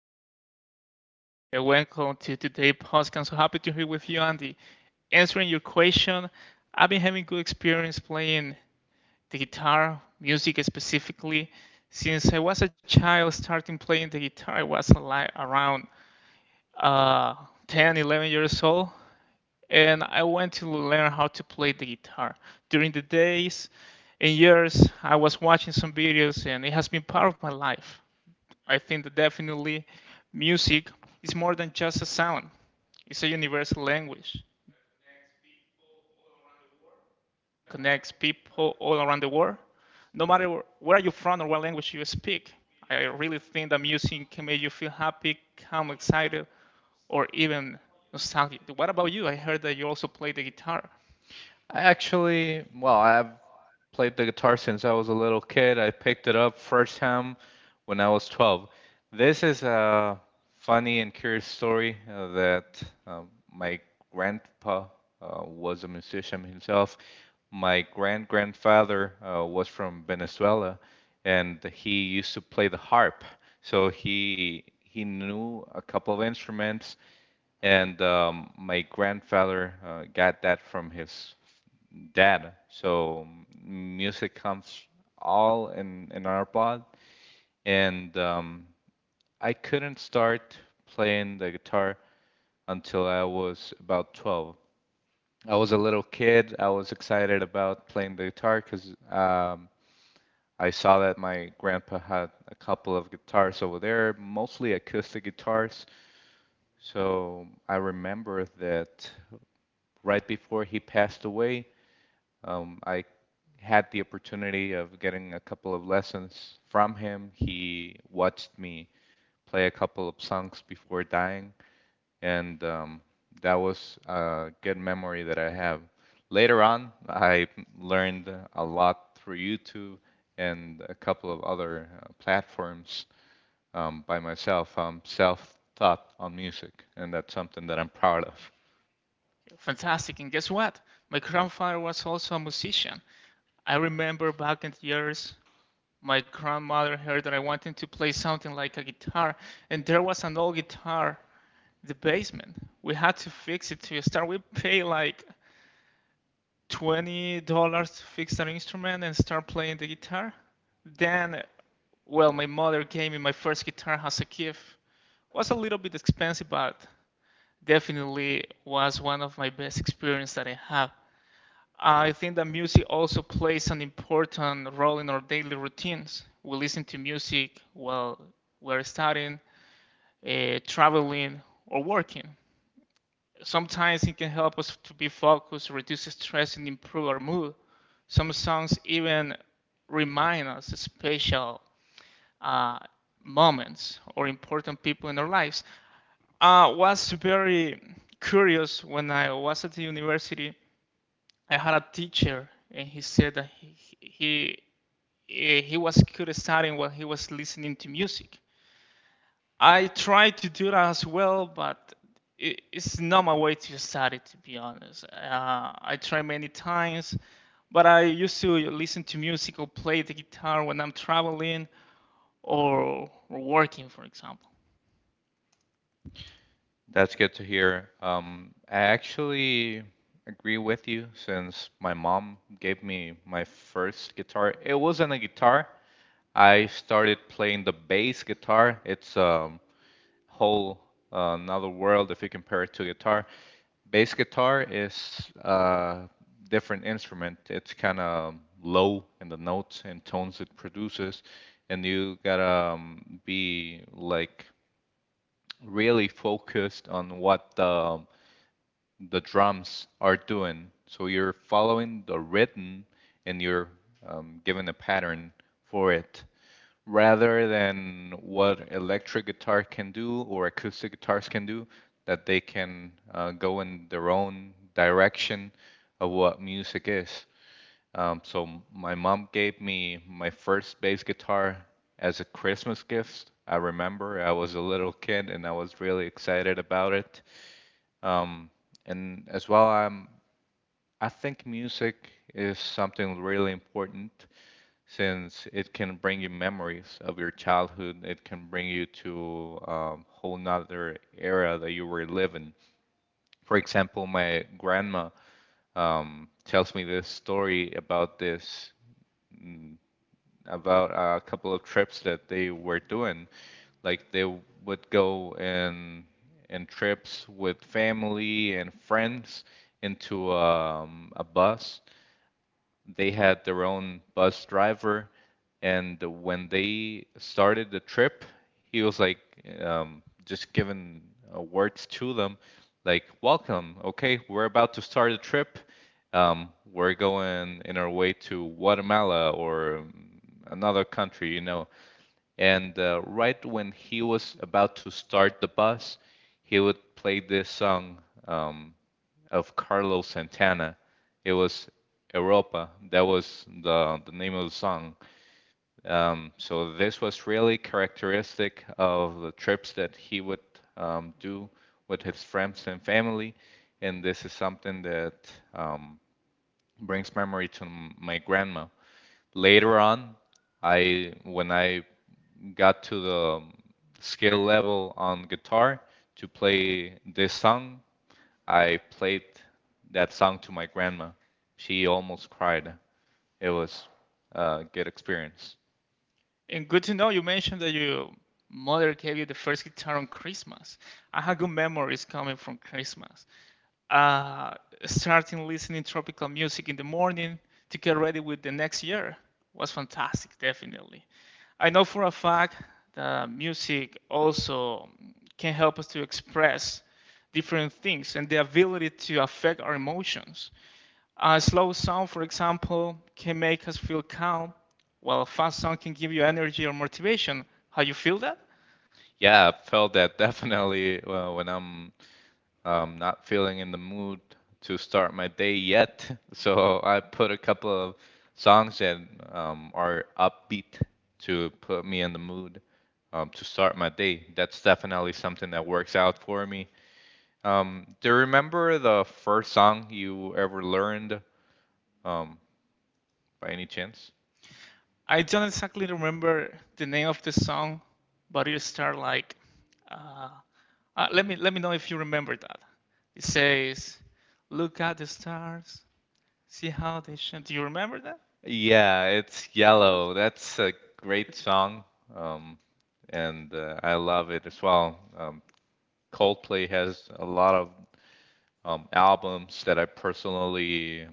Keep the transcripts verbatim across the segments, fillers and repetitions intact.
good morning, everyone, and welcome to today's podcast. So happy to be with you, Andy. Answering your question, I've been having good experience playing the guitar, music specifically, since I was a child. Starting playing the guitar, I was like around uh, ten, eleven years old, and I went to learn how to play the guitar. During the days and years, I was watching some videos, and it has been part of my life. I think that definitely music is more than just a sound. It's a universal language that connects people all around the world, no matter wh- where you're from or what language you speak. I really think that music can make you feel happy, calm, excited, or even nostalgic. What about you? I heard that you also play the guitar. I actually, well, I've played the guitar since I was a little kid. I picked it up first time when I was twelve. This is a funny and curious story uh, that um, my grandpa uh, was a musician himself. My grand grandfather uh, was from Venezuela, and he used to play the harp. So he he knew a couple of instruments, and um, my grandfather uh, got that from his dad. So music comes all in in our blood, and um, I couldn't start playing the guitar until I was about twelve. I was a little kid. I was excited about playing the guitar because um, I saw that my grandpa had a couple of guitars over there, mostly acoustic guitars. So I remember that right before he passed away, um, I had the opportunity of getting a couple of lessons from him. He watched me play a couple of songs before dying, and um, that was a good memory that I have. Later on, I learned a lot through YouTube and a couple of other uh, platforms um, by myself. I'm self-taught on music, and that's something that I'm proud of. Fantastic. And guess what? My grandfather was also a musician. I remember back in the years my grandmother heard that I wanted to play something like a guitar, and there was an old guitar in the basement. We had to fix it to start. We paid like twenty dollars to fix that instrument and start playing the guitar. Then, well, my mother gave me my first guitar as a gift. It was a little bit expensive, but definitely was one of my best experiences that I had. I think that music also plays an important role in our daily routines. We listen to music while we're studying, uh, traveling, or working. Sometimes it can help us to be focused, reduce stress, and improve our mood. Some songs even remind us of special uh, moments or important people in our lives. Uh, I was very curious when I was at the university. I had a teacher, and he said that he he eh, he was criticizing while he was listening to music. I tried to do that as well, but it, it's not my way to study, to be honest. Uh, I try many times, but I used to listen to music or play the guitar when I'm traveling or, or working, for example. That's good to hear. Um, I actually agree with you since my mom gave me my first guitar. It wasn't a guitar. I started playing the bass guitar. It's a whole uh, another world if you compare it to guitar. Bass guitar is a different instrument. It's kind of low in the notes and tones it produces, and you gotta um, be like really focused on what the um, the drums are doing. So you're following the rhythm and you're um, given a pattern for it rather than what electric guitar can do or acoustic guitars can do, that they can uh, go in their own direction of what music is. Um, so my mom gave me my first bass guitar as a Christmas gift. I remember I was a little kid and I was really excited about it. Um, and as well, um, I think music is something really important since it can bring you memories of your childhood. It can bring you to a whole nother era that you were living. For example, my grandma um, tells me this story about this about a couple of trips that they were doing. Like they would go in in trips with family and friends into um, a bus. They had their own bus driver, and when they started the trip, he was like um, just giving uh, words to them, like, "Welcome, okay, we're about to start the trip. Um, we're going in our way to Guatemala or um, another country, you know." And uh, right when he was about to start the bus, he would play this song. Um, of Carlos Santana. It was Europa. That was the, the name of the song. Um, so this was really characteristic of the trips that he would um, do with his friends and family. And this is something that um, brings memory to my grandma. Later on, I when I got to the skill level on guitar to play this song, I played that song to my grandma. She almost cried. It was a good experience. And good to know you mentioned that your mother gave you the first guitar on Christmas. I have good memories coming from Christmas. uh, Starting listening tropical music in the morning to get ready with the next year was fantastic, definitely. I know for a fact that music also can help us to express different things and the ability to affect our emotions. A slow sound, for example, can make us feel calm, while a fast sound can give you energy or motivation. How you feel that? Yeah, I felt that definitely uh, when I'm um, not feeling in the mood to start my day yet. So I put a couple of songs that um, are upbeat to put me in the mood um, to start my day. That's definitely something that works out for me. Um, do you remember the first song you ever learned um, by any chance? I don't exactly remember the name of the song, but it starts like, uh, uh, let me let me know if you remember that. It says, "Look at the stars, see how they shine." Do you remember that? Yeah, it's Yeah, what was Yellow. That's a it? great song, um, and uh, I love it as well. Um, Coldplay has a lot of um, albums that I personally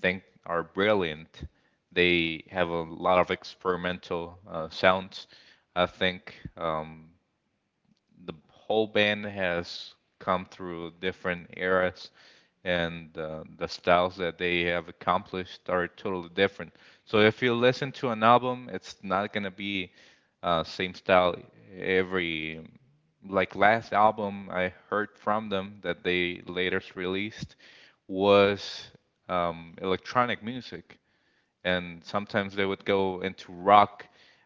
think are brilliant. They have a lot of experimental uh, sounds. I think um, the whole band has come through different eras and uh, the styles that they have accomplished are totally different. So if you listen to an album, it's not gonna be uh, same style every. Like last album I heard from them that they latest released was um, electronic music, and sometimes they would go into rock,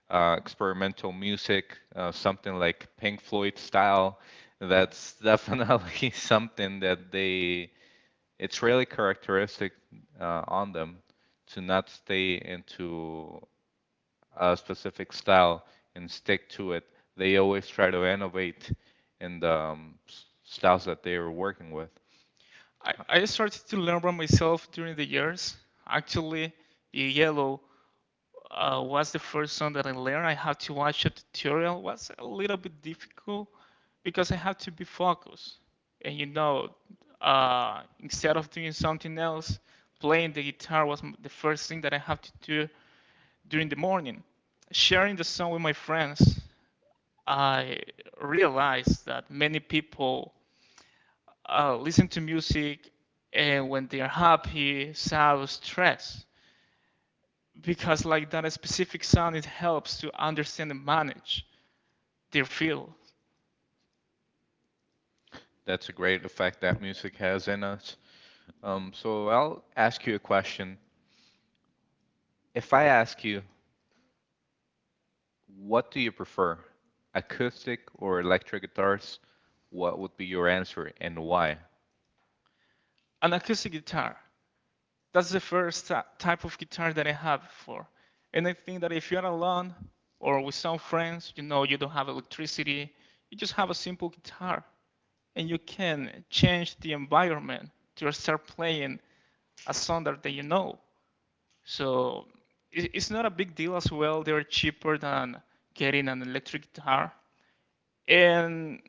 uh, experimental music, uh, something like Pink Floyd style. That's definitely something that they it's really characteristic uh, on them to not stay into a specific style and stick to it. They always try to innovate in the um, styles that they are working with. I, I started to learn by myself during the years. Actually, in yellow, uh, was the first song that I learned. I had to watch a tutorial. It was a little bit difficult because I had to be focused. And you know, uh, instead of doing something else, playing the guitar was the first thing that I had to do during the morning. Sharing the song with my friends, I realized that many people uh, listen to music and when they are happy, sad, or stressed because like that specific sound it helps to understand and manage their feel That's a great effect that music has in us. Um, so I'll ask you a question. If I ask you, what do you prefer, acoustic or electric guitars? What would be your answer and why? an acoustic guitar that's the first type of guitar that I have for and I think that if you're alone or with some friends you know you don't have electricity you just have a simple guitar and you can change the environment to start playing a song that you know so it's not a big deal as well they're cheaper than getting an electric guitar and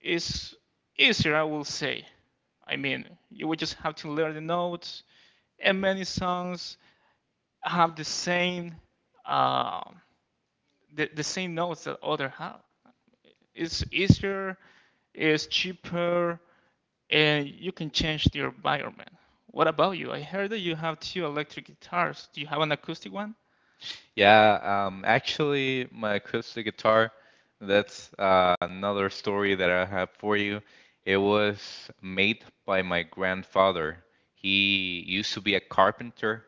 is easier, I will say. I mean, you would just have to learn the notes, and many songs have the same uh, the, the same notes that other have. It's easier, it's cheaper, and you can change the environment. What about you? I heard that you have two electric guitars. Do you have an acoustic one? Yeah, um, actually, my acoustic guitar, that's uh, another story that I have for you. It was made by my grandfather. He used to be a carpenter,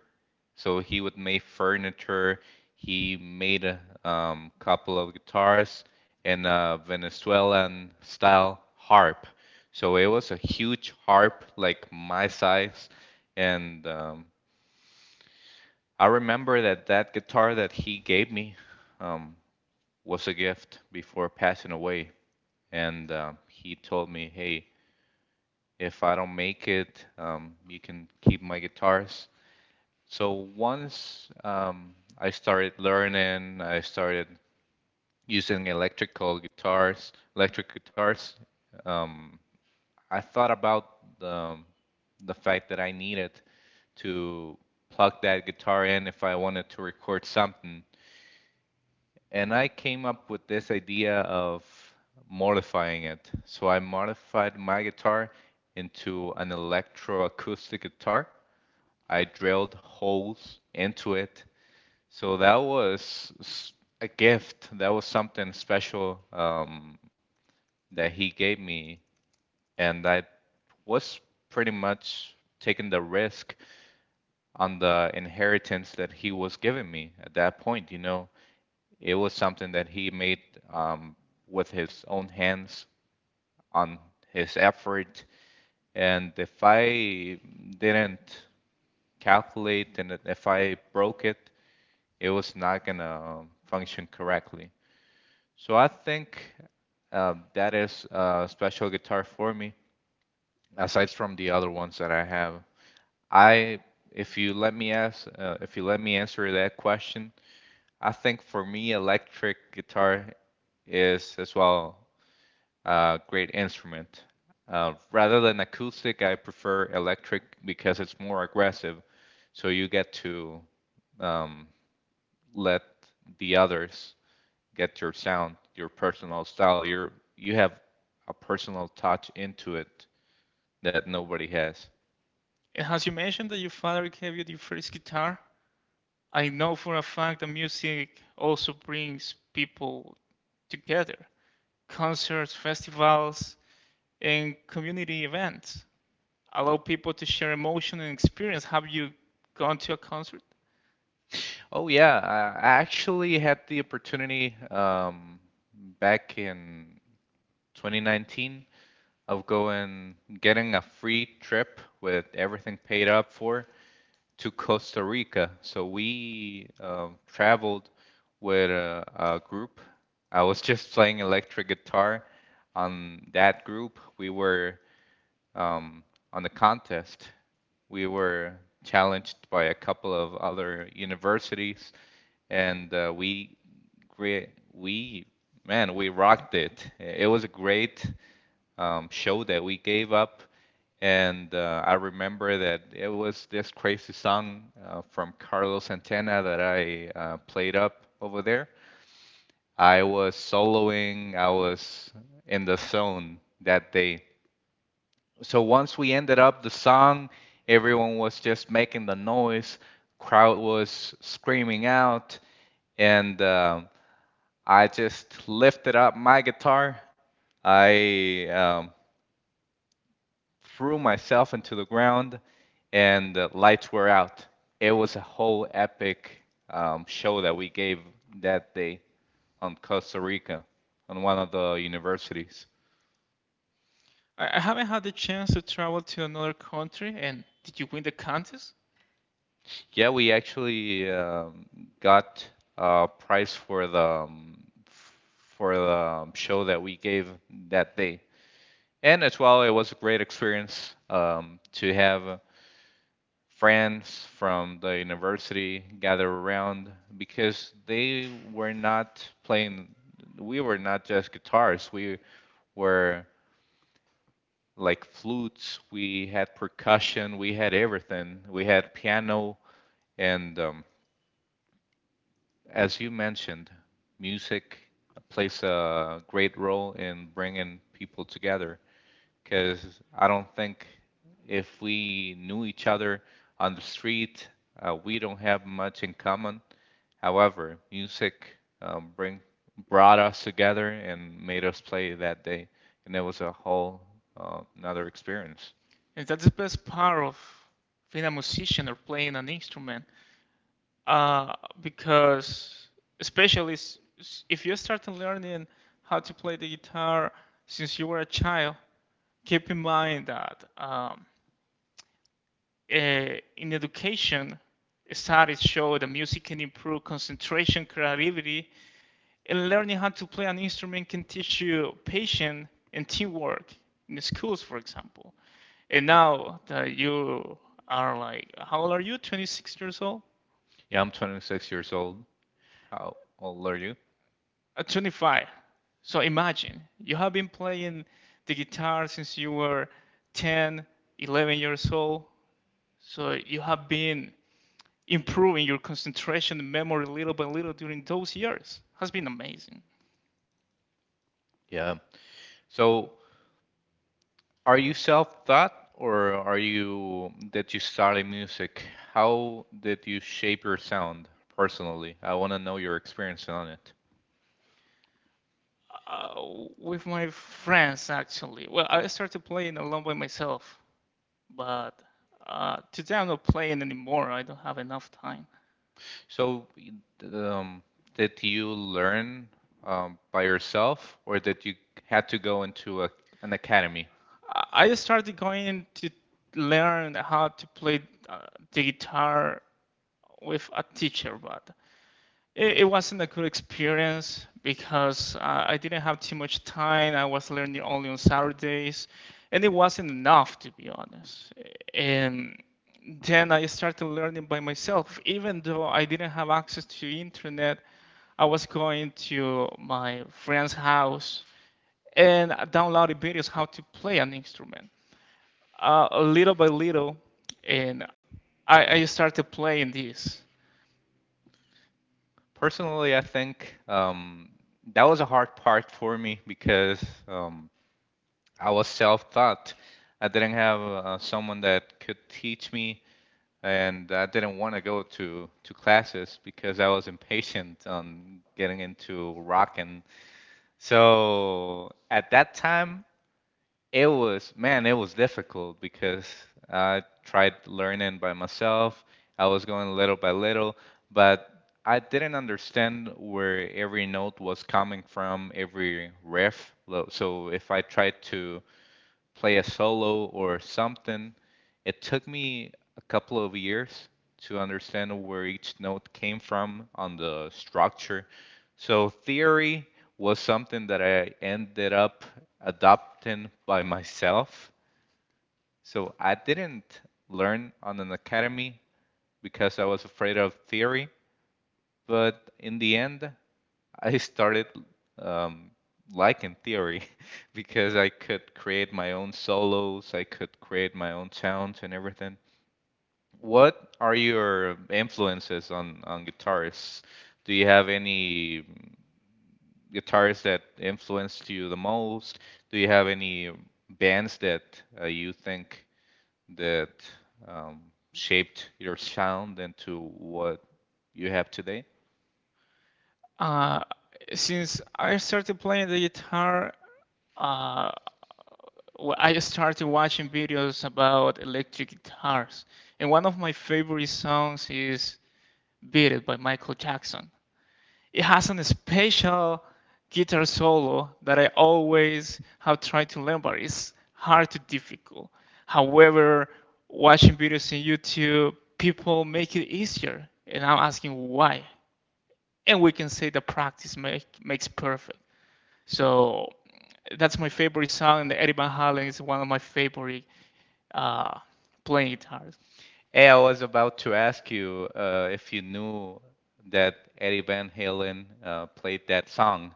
so he would make furniture. He made a um, couple of guitars and a Venezuelan style harp. So it was a huge harp, like my size, and um, I remember that that guitar that he gave me um, was a gift before passing away, and um, he told me, "Hey, if I don't make it, um, you can keep my guitars." So once um, I started learning, I started using electrical guitars, electric guitars. Um, I thought about the the fact that I needed to plug that guitar in if I wanted to record something. And I came up with this idea of modifying it. So I modified my guitar into an electroacoustic guitar. I drilled holes into it. So that was a gift. That was something special um, that he gave me. And I was pretty much taking the risk on the inheritance that he was giving me at that point, you know. It was something that he made um, with his own hands on his effort. And if I didn't calculate and if I broke it, it was not going to function correctly. So I think uh, that is a special guitar for me, aside from the other ones that I have. I, if you let me ask, uh, if you let me answer that question, I think for me, electric guitar is as well uh, great instrument. Uh, rather than acoustic, I prefer electric because it's more aggressive. So you get to um, let the others get your sound, your personal style. You're you have a personal touch into it that nobody has. And as you mentioned that your father gave you the first guitar, I know for a fact that music also brings people together. Concerts, festivals, and community events allow people to share emotion and experience. Have you gone to a concert? Oh yeah, I actually had the opportunity um, back in twenty nineteen of going getting a free trip with everything paid up for to Costa Rica. So we um, traveled with a, a group. I was just playing electric guitar on that group. We were um, on the contest. We were challenged by a couple of other universities, and uh, we gre- we man we rocked it. It was a great um, show that we gave up and uh, I remember that it was this crazy song uh, from Carlos Santana that I uh, played up over there. I was soloing, I was in the zone that day. So once we ended up the song, everyone was just making the noise, crowd was screaming out, and uh, I just lifted up my guitar. I um, threw myself into the ground and the lights were out. It was a whole epic um, show that we gave that day on Costa Rica, on one of the universities. I, I haven't had the chance to travel to another country. And did you win the contest? Yeah, we actually um, got a prize for the um, for the um, show that we gave that day, and as well, it was a great experience um, to have friends from the university gather around because they were not playing, we were not just guitars, we were like flutes, we had percussion, we had everything. We had piano, and um, as you mentioned, music plays a great role in bringing people together, because I don't think if we knew each other on the street, uh, we don't have much in common. However, music um, bring brought us together and made us play that day, and it was a whole uh, another experience. And that's the best part of being a musician or playing an instrument. Uh, because especially s- s- if you start learning how to play the guitar since you were a child, keep in mind that um, uh, in education, studies show that music can improve concentration, creativity, and learning how to play an instrument can teach you patience and teamwork in the schools, for example. And now that you are like, how old are you? twenty-six years old? Yeah, I'm twenty-six years old. How old are you? Uh, twenty-five. So imagine you have been playing the guitar since you were ten, eleven years old. So you have been improving your concentration and memory little by little during those years has been amazing. Yeah. So, are you self-taught or are you that you started music? How did you shape your sound personally? I want to know your experience on it. Uh, with my friends, actually. Well, I started playing alone by myself, but uh, today I'm not playing anymore. I don't have enough time. So, um, did you learn um, by yourself or did you had to go into a, an academy? I started going to learn how to play uh, the guitar with a teacher, but it, it wasn't a good experience because uh, I didn't have too much time. I was learning only on Saturdays, and it wasn't enough to be honest. And then I started learning by myself, even though I didn't have access to internet. I was going to my friend's house and downloaded videos how to play an instrument. Uh, little by little, and I, I started playing this. Personally, I think um, that was a hard part for me because um, I was self-taught. I didn't have uh, someone that could teach me, and I didn't want to go to to classes because I was impatient on getting into rocking. So at that time, it was man, it was difficult because I tried learning by myself. I was going little by little, but I didn't understand where every note was coming from, every riff. So if I tried to play a solo or something. It took me a couple of years to understand where each note came from on the structure. So theory was something that I ended up adopting by myself. So I didn't learn on an academy because I was afraid of theory, but in the end, I started um, liking theory because I could create my own solos, I could create my own sounds and everything. What are your influences on, on guitarists? Do you have any guitarists that influenced you the most? Do you have any bands that uh, you think that um, shaped your sound into what you have today? Uh, since I started playing the guitar, uh, well, I started watching videos about electric guitars, and one of my favorite songs is "Beat It" by Michael Jackson. It has an special guitar solo that I always have tried to learn, but it's hard to difficult. However, watching videos on YouTube, people make it easier, and I'm asking why and we can say that practice make, makes perfect. So that's my favorite song, and Eddie Van Halen is one of my favorite uh, playing guitars. Hey, I was about to ask you uh, if you knew that Eddie Van Halen uh, played that song.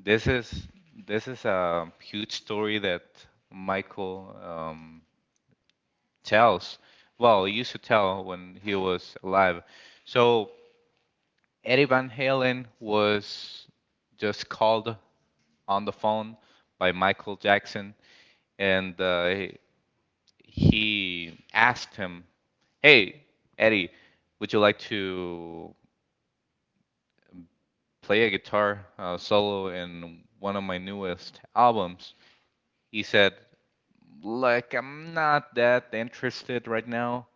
This is this is a huge story that Michael um, tells. Well, he used to tell when he was alive. So Eddie Van Halen was just called on the phone by Michael Jackson, and uh, he asked him, "Hey, Eddie, would you like to play a guitar uh, solo in one of my newest albums?" He said, "Like I'm not that interested right now.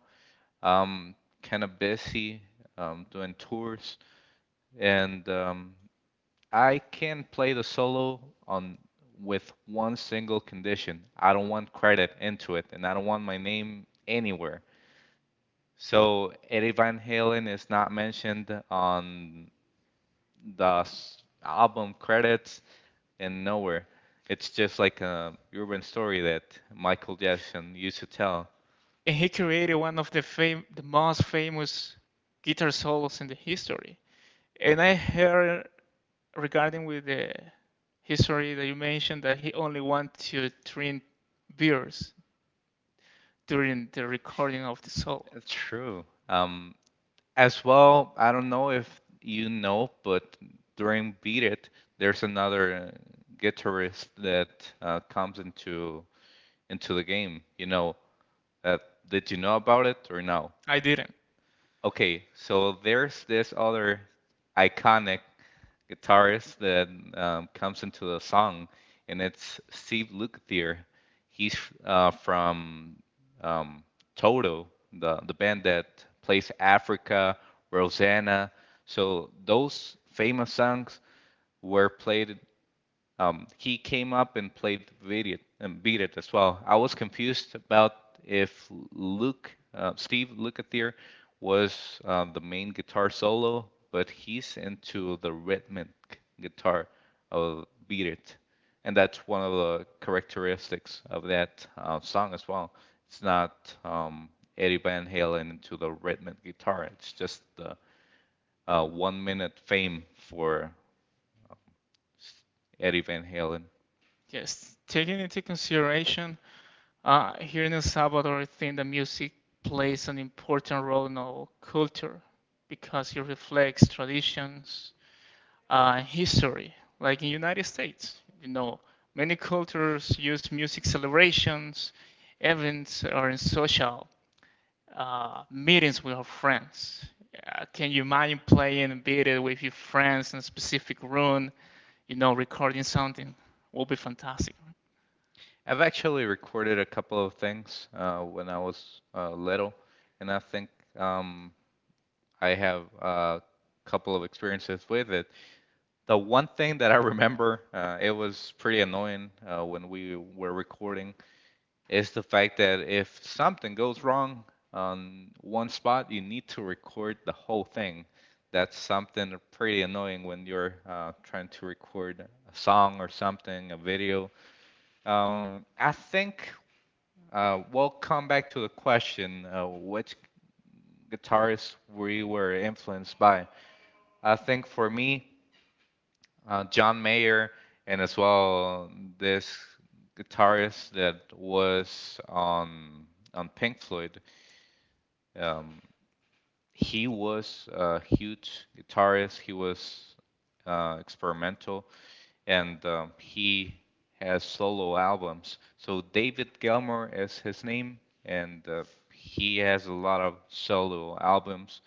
I kind of busy um, doing tours, and um, I can play the solo on." With one single condition, I don't want credit into it, and I don't want my name anywhere. So Eddie Van Halen is not mentioned on the s- album credits and nowhere. It's just like a urban story that Michael Jackson used to tell. And he created one of the fam- the most famous guitar solos in the history. And I heard regarding with the history that you mentioned that he only wanted to drink beers during the recording of the solo. That's true. Um, as well, I don't know if you know, but during Beat It, there's another uh, guitarist that uh, comes into into the game. You know, uh, did you know about it or no? I didn't. Okay, so there's this other iconic guitarist that um, comes into the song, and it's Steve Lukather. He's uh, from um, Toto, the the band that plays Africa, Rosanna. So those famous songs were played um, he came up and played Beat It, and Beat It as well. I was confused about if Luke, uh, Steve Lukather, was uh, the main guitar solo, but he's into the rhythmic guitar of Beat It, and that's one of the characteristics of that uh, song as well. It's not um, Eddie Van Halen into the rhythmic guitar. It's just the uh, one minute fame for Eddie Van Halen. Yes, taking into consideration Uh, here in El Salvador, I think the music plays an important role in our culture because it reflects traditions uh, and history. Like in the United States, you know, many cultures use music celebrations, events, or in social uh, meetings with our friends. Uh, can you imagine playing a beat with your friends in a specific room? You know, recording something will be fantastic. I've actually recorded a couple of things uh, when I was uh, little, and I think um, I have a couple of experiences with it. The one thing that I remember, uh, it was pretty annoying uh, when we were recording, is the fact that if something goes wrong on one spot, you need to record the whole thing. That's something pretty annoying when you're uh, trying to record a song or something, a video. Um, I think uh, well, come back to the question, uh, which guitarists we were influenced by. I think for me, uh, John Mayer, and as well this guitarist that was on on Pink Floyd. Um, he was a huge guitarist. He was uh, experimental, and um, he has solo albums. So David Gilmour is his name, and uh, he has a lot of solo albums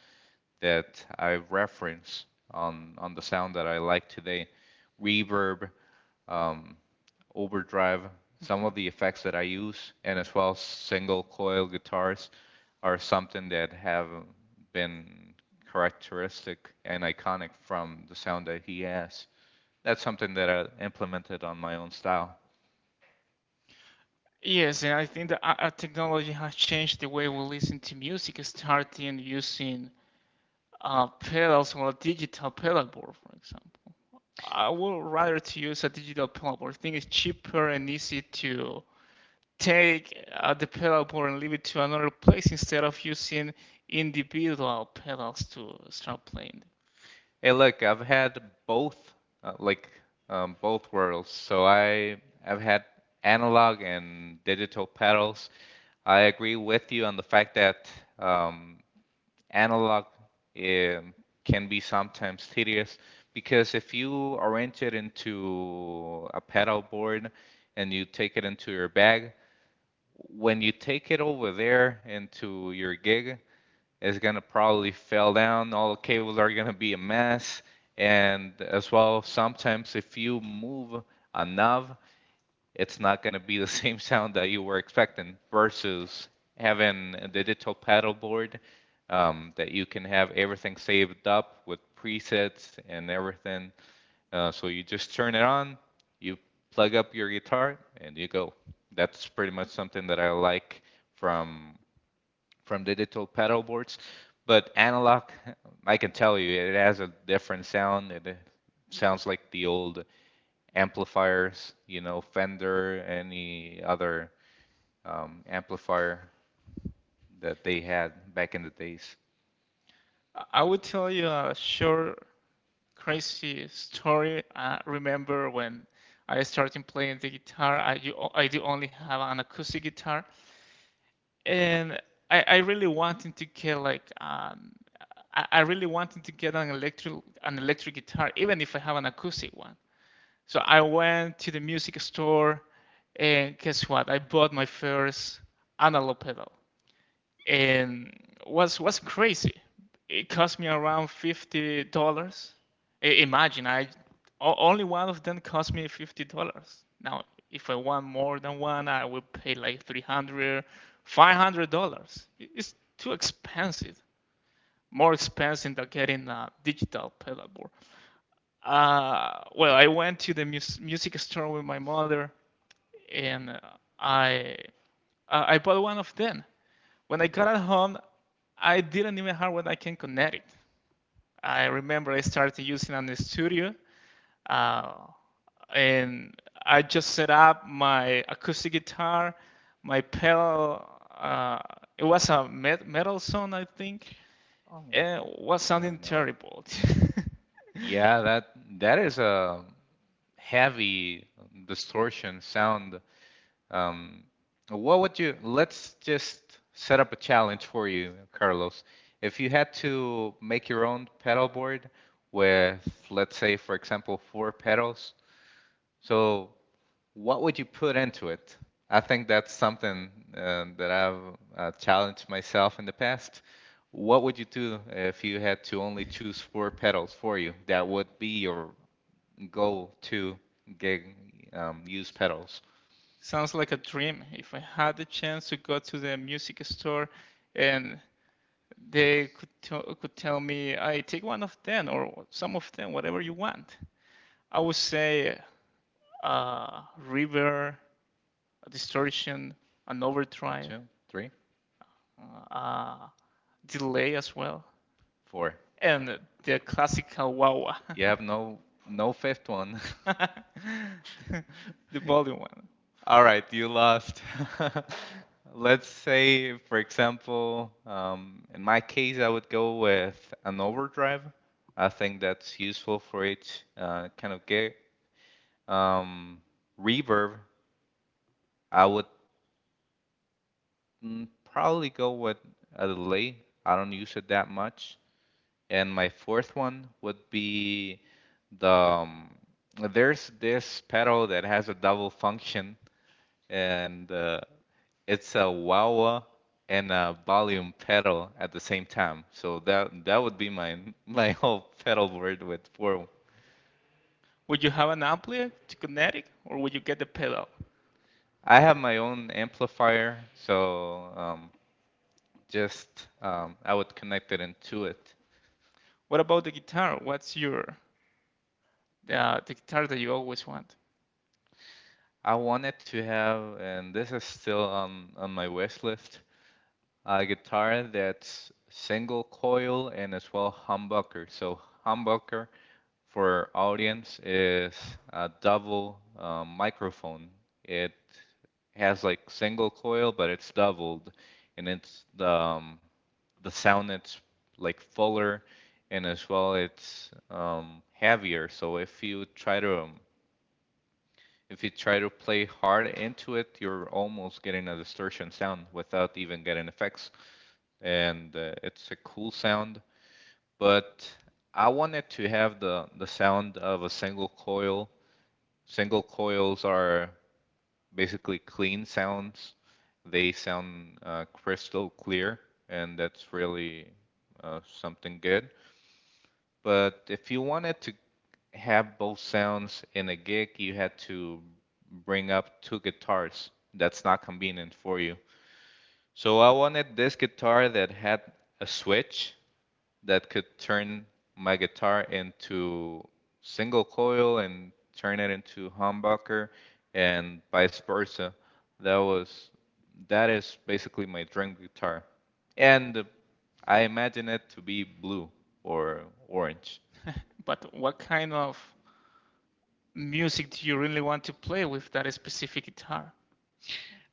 that I reference on on the sound that I like today, reverb, um, overdrive, some Right? of the effects that I use, and as well single coil guitars are something that have been characteristic and iconic from the sound that he has that's something that I implemented on my own style. Yes, and I think that uh, uh, technology has changed the way we listen to music, starting using uh, pedals or a digital pedal board, for example. I would rather to use a digital pedal board. I think it's cheaper and easy to take uh, the pedal board and leave it to another place instead of using individual pedals to start playing. Hey, look, I've had both, uh, like um, both worlds. So I I've had analog and digital pedals. I agree with you on the fact that um, analog um can be sometimes tedious because if you arrange it into a pedal board and you take it into your bag, when you take it over there into your gig, it's gonna probably fall down. All the cables are gonna be a mess. And as well, sometimes if you move a knob, it's not gonna be the same sound that you were expecting versus having a digital paddle board um, that you can have everything saved up with presets and everything. Uh, so you just turn it on, you plug up your guitar, and you go. That's pretty much something that I like from from digital pedal boards. But analog, I can tell you, it has a different sound. It uh, sounds like the old amplifiers, you know, Fender, any other um, amplifier that they had back in the days. I I would tell you a short crazy story. I remember when I started playing the guitar, I, you, I do only have an acoustic guitar, and I, I really wanted to get like um, I, I really wanted to get an electric an electric guitar, even if I have an acoustic one. So I went to the music store, and guess what? I bought my first analog pedal and was was crazy. It cost me around fifty dollars. Imagine, I only one of them cost me fifty dollars. Now, if I want more than one, I will pay like three hundred, five hundred dollars. It's too expensive. More expensive than getting a digital pedal board. Uh, well, I went to the mus- music store with my mother and I uh, I bought one of them. When I got at home, I didn't even have what I can connect it. I remember I started using an studio, uh, and I just set up my acoustic guitar, my pedal. Uh, it was a met- metal song, I think, Oh, and I it was sounding don't know it. terrible. Yeah, that that is a heavy distortion sound. Um, what would you, let's just set up a challenge for you, Carlos. If you had to make your own pedal board with, let's say, for example, four pedals, so what would you put into it? I think that's something uh, that I've uh, challenged myself in the past. What would you do if you had to only choose four pedals for you? That would be your goal to get um, use pedals. Sounds like a dream. If I had the chance to go to the music store and they could tell could tell me, I take one of them or some of them, whatever you want. I would say uh, river, a distortion, an You have overdrive, two, three, uh, uh, delay as well, four. and the classical wah You have no no fifth one. the volume one. All right, you lost. Let's say, for example, um, in my case, I would go with an overdrive. I think that's useful for each uh, kind of gig. Um, Reverb, I would mm, probably go with a delay. I don't use it that much. And my fourth one would be the um, there's this pedal that has a double function and uh, it's a wah wah and a volume pedal at the same time. So that that would be my my whole pedal board with four. Would you have an ampli to kinetic, or would you get the pedal? I have my own amplifier, so um, just um, I would connect it into it. What about the guitar? What's your uh, the guitar that you always want? I wanted to have, and this is still on on my wish list, a guitar that's single coil and as well humbucker. So humbucker for audience is a double uh, microphone. It has like single coil, but it's doubled, and it's the um, the sound it's like fuller, and as well it's um, heavier. So if you try to um, if you try to play hard into it, you're almost getting a distortion sound without even getting effects and uh, it's a cool sound. But I wanted to have the the sound of a single coil. Single coils are basically clean sounds. They sound uh, crystal clear, and that's really uh, something good. But if you wanted to have both sounds in a gig, you had to bring up two guitars. That's not convenient for you. So I wanted this guitar that had a switch that could turn my guitar into single coil and turn it into humbucker and vice versa. That was that is basically my dream guitar. And I imagine it to be blue or orange. But what kind of music do you really want to play with that specific guitar?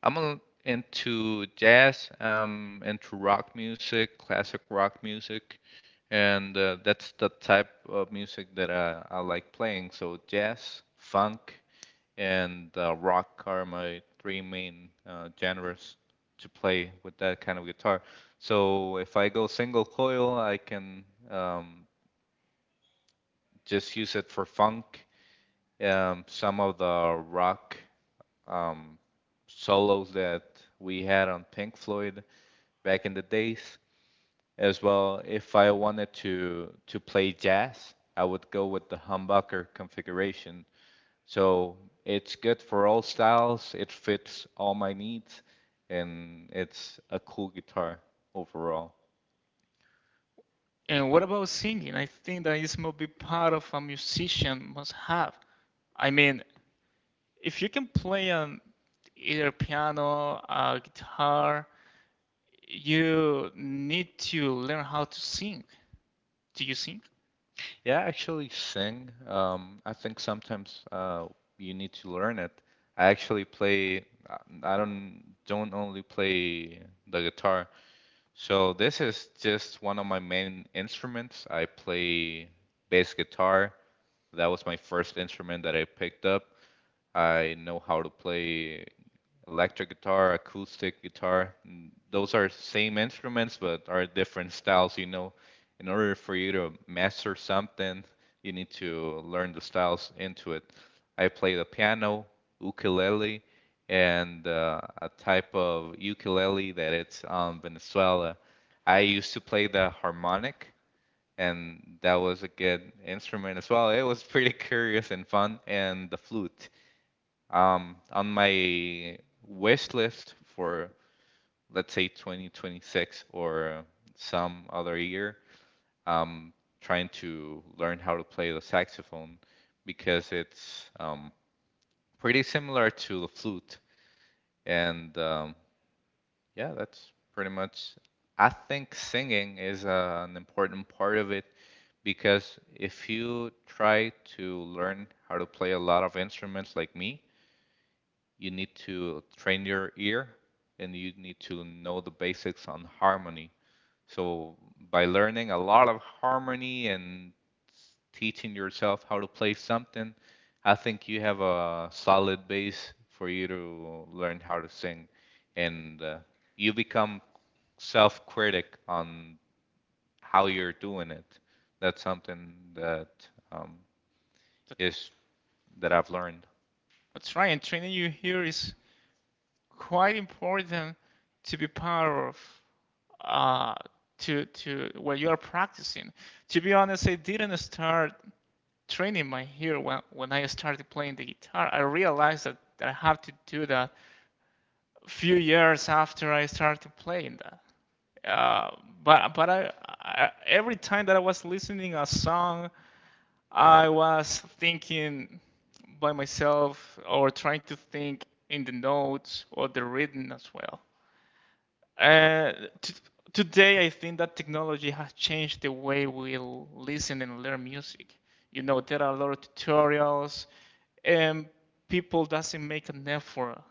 I'm into jazz, um, into rock music, classic rock music, and uh, that's the type of music that I, I like playing. So jazz, funk, and uh, rock are my three main uh, genres to play with that kind of guitar. So if I go single coil, I can um, just use it for funk. Um, some of the rock um, solos that we had on Pink Floyd back in the days, as well. If I wanted to to play jazz, I would go with the humbucker configuration. So it's good for all styles. It fits all my needs, and it's a cool guitar overall. And what about singing? I think that is must be part of a musician must have. I mean, if you can play on either piano, uh, guitar, you need to learn how to sing. Do you sing? Yeah, I actually sing. Um, I think sometimes uh, you need to learn it. I actually play. I I don't don't only play the guitar. So this is just one of my main instruments. I play bass guitar. That was my first instrument that I picked up. I know how to play electric guitar, acoustic guitar. n- Those are same instruments but are different styles, you know. In order for you to master something, you need to learn the styles into it. I play the piano, ukulele, and uh, a type of ukulele that it's um, Venezuela. I used to play the harmonic, and that was a good instrument as well. It was pretty curious and fun, and the flute um, on my wish list for let's say twenty twenty-six or some other year um, trying to learn how to play the saxophone because it's um, pretty similar to the flute and um, yeah that's pretty much I think singing is uh, an important part of it because if you try to learn how to play a lot of instruments like me you need to train your ear and you need to know the basics on harmony. So by learning a lot of harmony and teaching yourself how to play something, I think you have a solid base for you to learn how to sing, and uh, you become self-critic on how you're doing it. That's something that um, That, is that I've learned. that's right. And training you here is quite important to be part of uh, to to when you are practicing. To be honest, I didn't start training my ear when, when I started playing the guitar. I realized that, that I have to do that a few years after I started playing that. Uh, but but I, I every time that I was listening a song, I was thinking by myself or trying to think in the notes or the rhythm as well. Uh, t- today, I think that technology has changed the way we l- listen and learn music. You know, there are a lot of tutorials, and people doesn't make an effort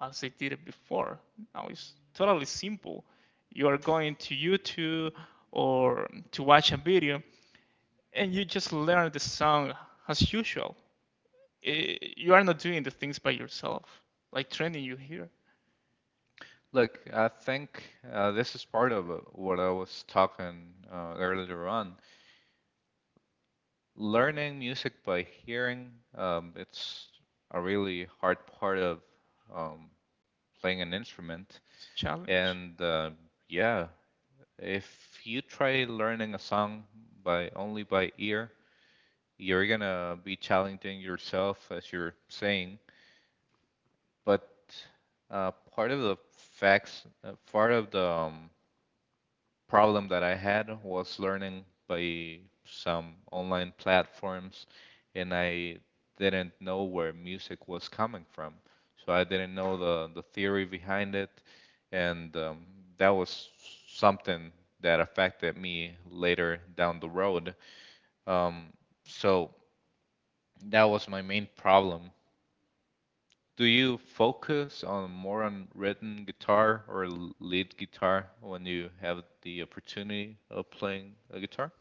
as they did it before. Now it's totally simple. You are going to YouTube or to watch a video, and you just learn the song as usual. Eh, you are not doing the things by yourself, like training you here. Look, I think uh, this is part of uh, what I was talking uh, earlier on. Learning music by hearing, um, it's a really hard part of um, playing an instrument. It's a challenge. And uh, yeah, if you try learning a song by only by ear, you're gonna be challenging yourself as you're saying. But uh, part of the facts, uh, part of the um, problem that I had was learning by some online platforms, and I didn't know where music was coming from. So I didn't know the, the theory behind it, and um, that was something that affected me later down the road. Um, so that was my main problem. Do you focus on more on written guitar or l- lead guitar when you have the opportunity of playing a guitar?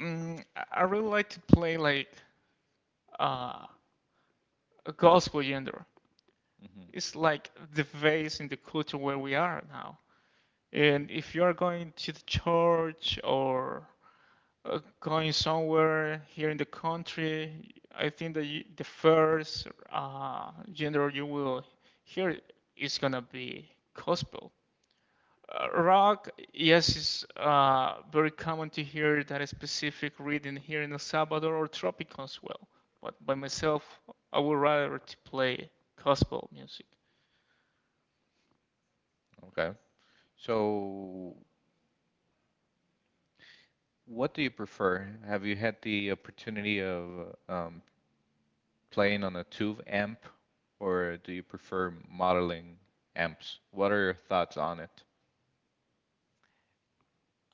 Mm, I I really like to play like uh, a gospel genre. Mhm. It's like the base in the culture where we are now. And if you are going to the church or uh, going somewhere here in the country, I think that you, the first uh, genre you will hear is gonna be gospel. Uh, rock, yes, it's uh, very common to hear that specific reading here in El Salvador or tropical as well. But by myself, I would rather to play gospel music. Okay. So, what do you prefer? Have you had the opportunity of um, playing on a tube amp, or do you prefer modeling amps? What are your thoughts on it?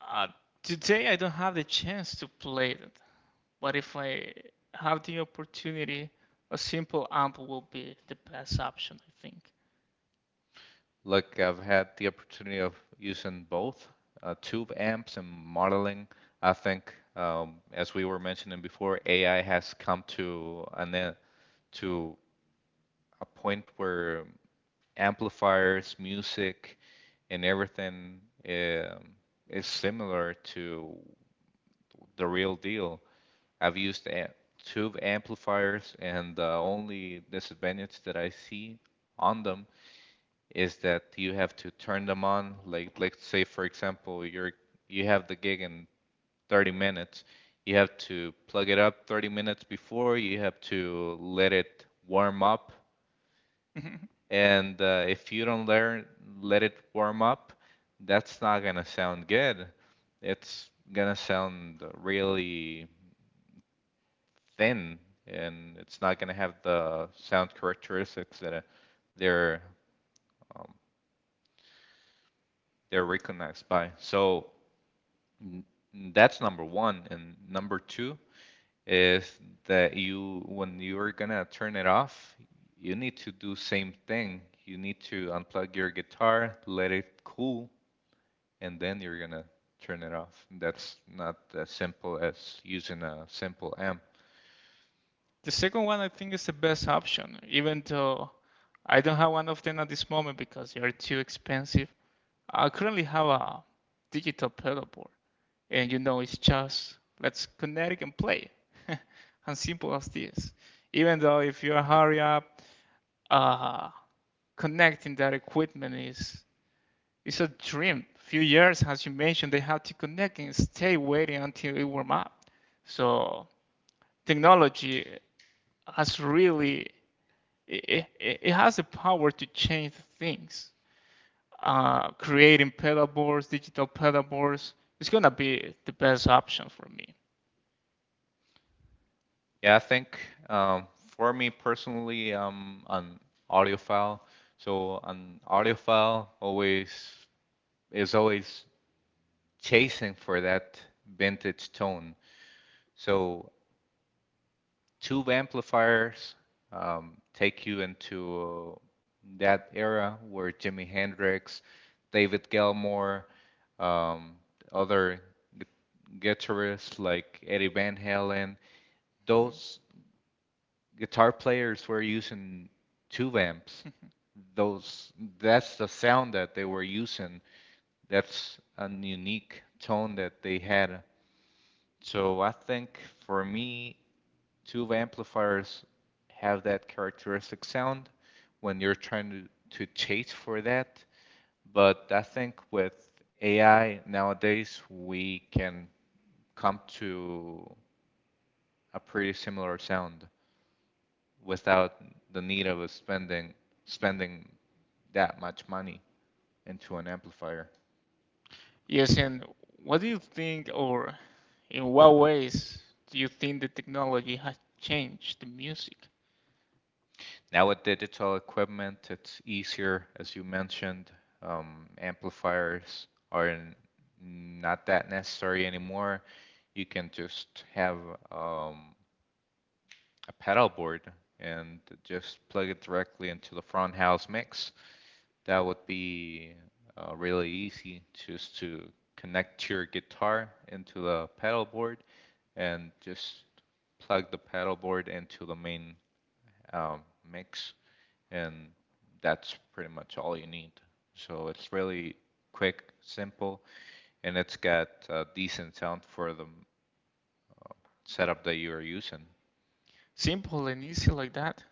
Uh, today, I don't have the chance to play that, but if I have the opportunity, a simple amp will be the best option, I think. Look, I've had the opportunity of using both uh, tube amps and modeling. I think, um, as we were mentioning before, A I has come to an e- to a point where amplifiers, music, and everything um, is similar to the real deal. I've used a- tube amplifiers, and the only disadvantage that I see on them is that you have to turn them on. Like, let's say, for example, you're you have the gig in thirty minutes. You have to plug it up thirty minutes before. You have to let it warm up, Mhm. and uh, if you don't learn let it warm up, that's not gonna sound good. It's gonna sound really thin, and it's not gonna have the sound characteristics that uh, they're um, they're recognized by. So that's number one, and number two is that you when you're gonna turn it off, you need to do same thing. You need to unplug your guitar, let it cool, and then you're gonna turn it off. That's not as simple as using a simple amp. The second one, I think, is the best option, even though I don't have one of them at this moment because they are too expensive. I currently have a digital pedal board, and you know, it's just let's connect and play. As simple as this. Even though if you hurry up, uh, connecting that equipment is is a dream. Few years, as you mentioned, they have to connect and stay waiting until it warm up. So technology has really it, it, it has the power to change things uh, creating pedal boards, digital pedal boards, it's gonna be the best option for me. Yeah, I think um, for me personally, I'm an audiophile, so an audiophile always is always chasing for that vintage tone. So two amplifiers um, take you into that era where Jimi Hendrix, David Gilmour, um, other gu- guitarists like Eddie Van Halen, those guitar players were using tube amps. Those that's the sound that they were using. That's a unique tone that they had. So I think for me, tube amplifiers have that characteristic sound when you're trying to, to chase for that. But I think with A I nowadays, we can come to a pretty similar sound without the need of spending spending that much money into an amplifier. Yes, and what do you think, or in what ways do you think the technology has changed the music? Now with digital equipment, it's easier, as you mentioned. Um, amplifiers are n- not that necessary anymore. You can just have um, a pedal board and just plug it directly into the front house mix. That would be uh, really easy, just to connect your guitar into the pedal board and just plug the pedal board into the main um, mix, and that's pretty much all you need. So it's really quick, simple, and it's got uh, decent sound for the setup that you are using. Simple and easy like that.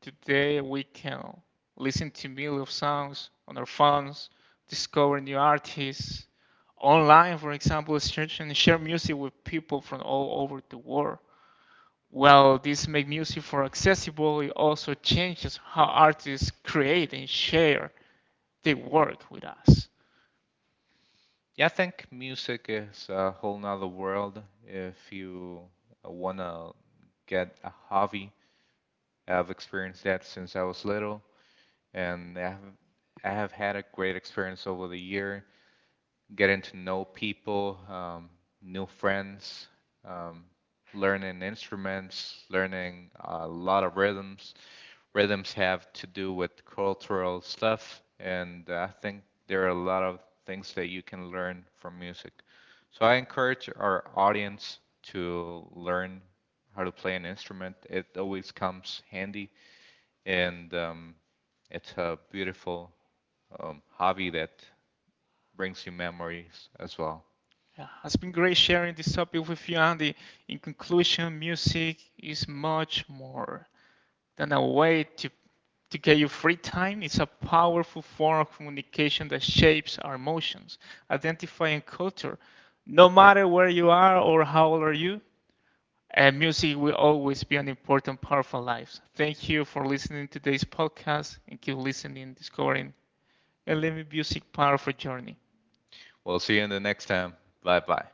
Today we can listen to millions of songs on our phones, discover new artists online, for example, search and share music with people from all over the world. While this make music for accessible, it also changes how artists create and share their work with us. Yeah, I think music is a whole nother world. If you uh, wanna get a hobby, I've experienced that since I was little, and I have I have had a great experience over the year getting to know people, um, new friends, um, learning instruments, learning a lot of rhythms. Rhythms have to do with cultural stuff, and I think there are a lot of things that you can learn from music. So I encourage our audience to learn how to play an instrument. It always comes handy, and um, it's a beautiful um, hobby that brings you memories as well. Yeah, it's been great sharing this topic with you, Andy. In conclusion, music is much more than a way to to get you free time. It's a powerful form of communication that shapes our emotions, identify, and culture. No matter where you are or how old are you, and music will always be an important part of our lives. Thank you for listening to today's podcast and keep listening, discovering, and living music part of our journey. We'll see you in the next time. Bye bye.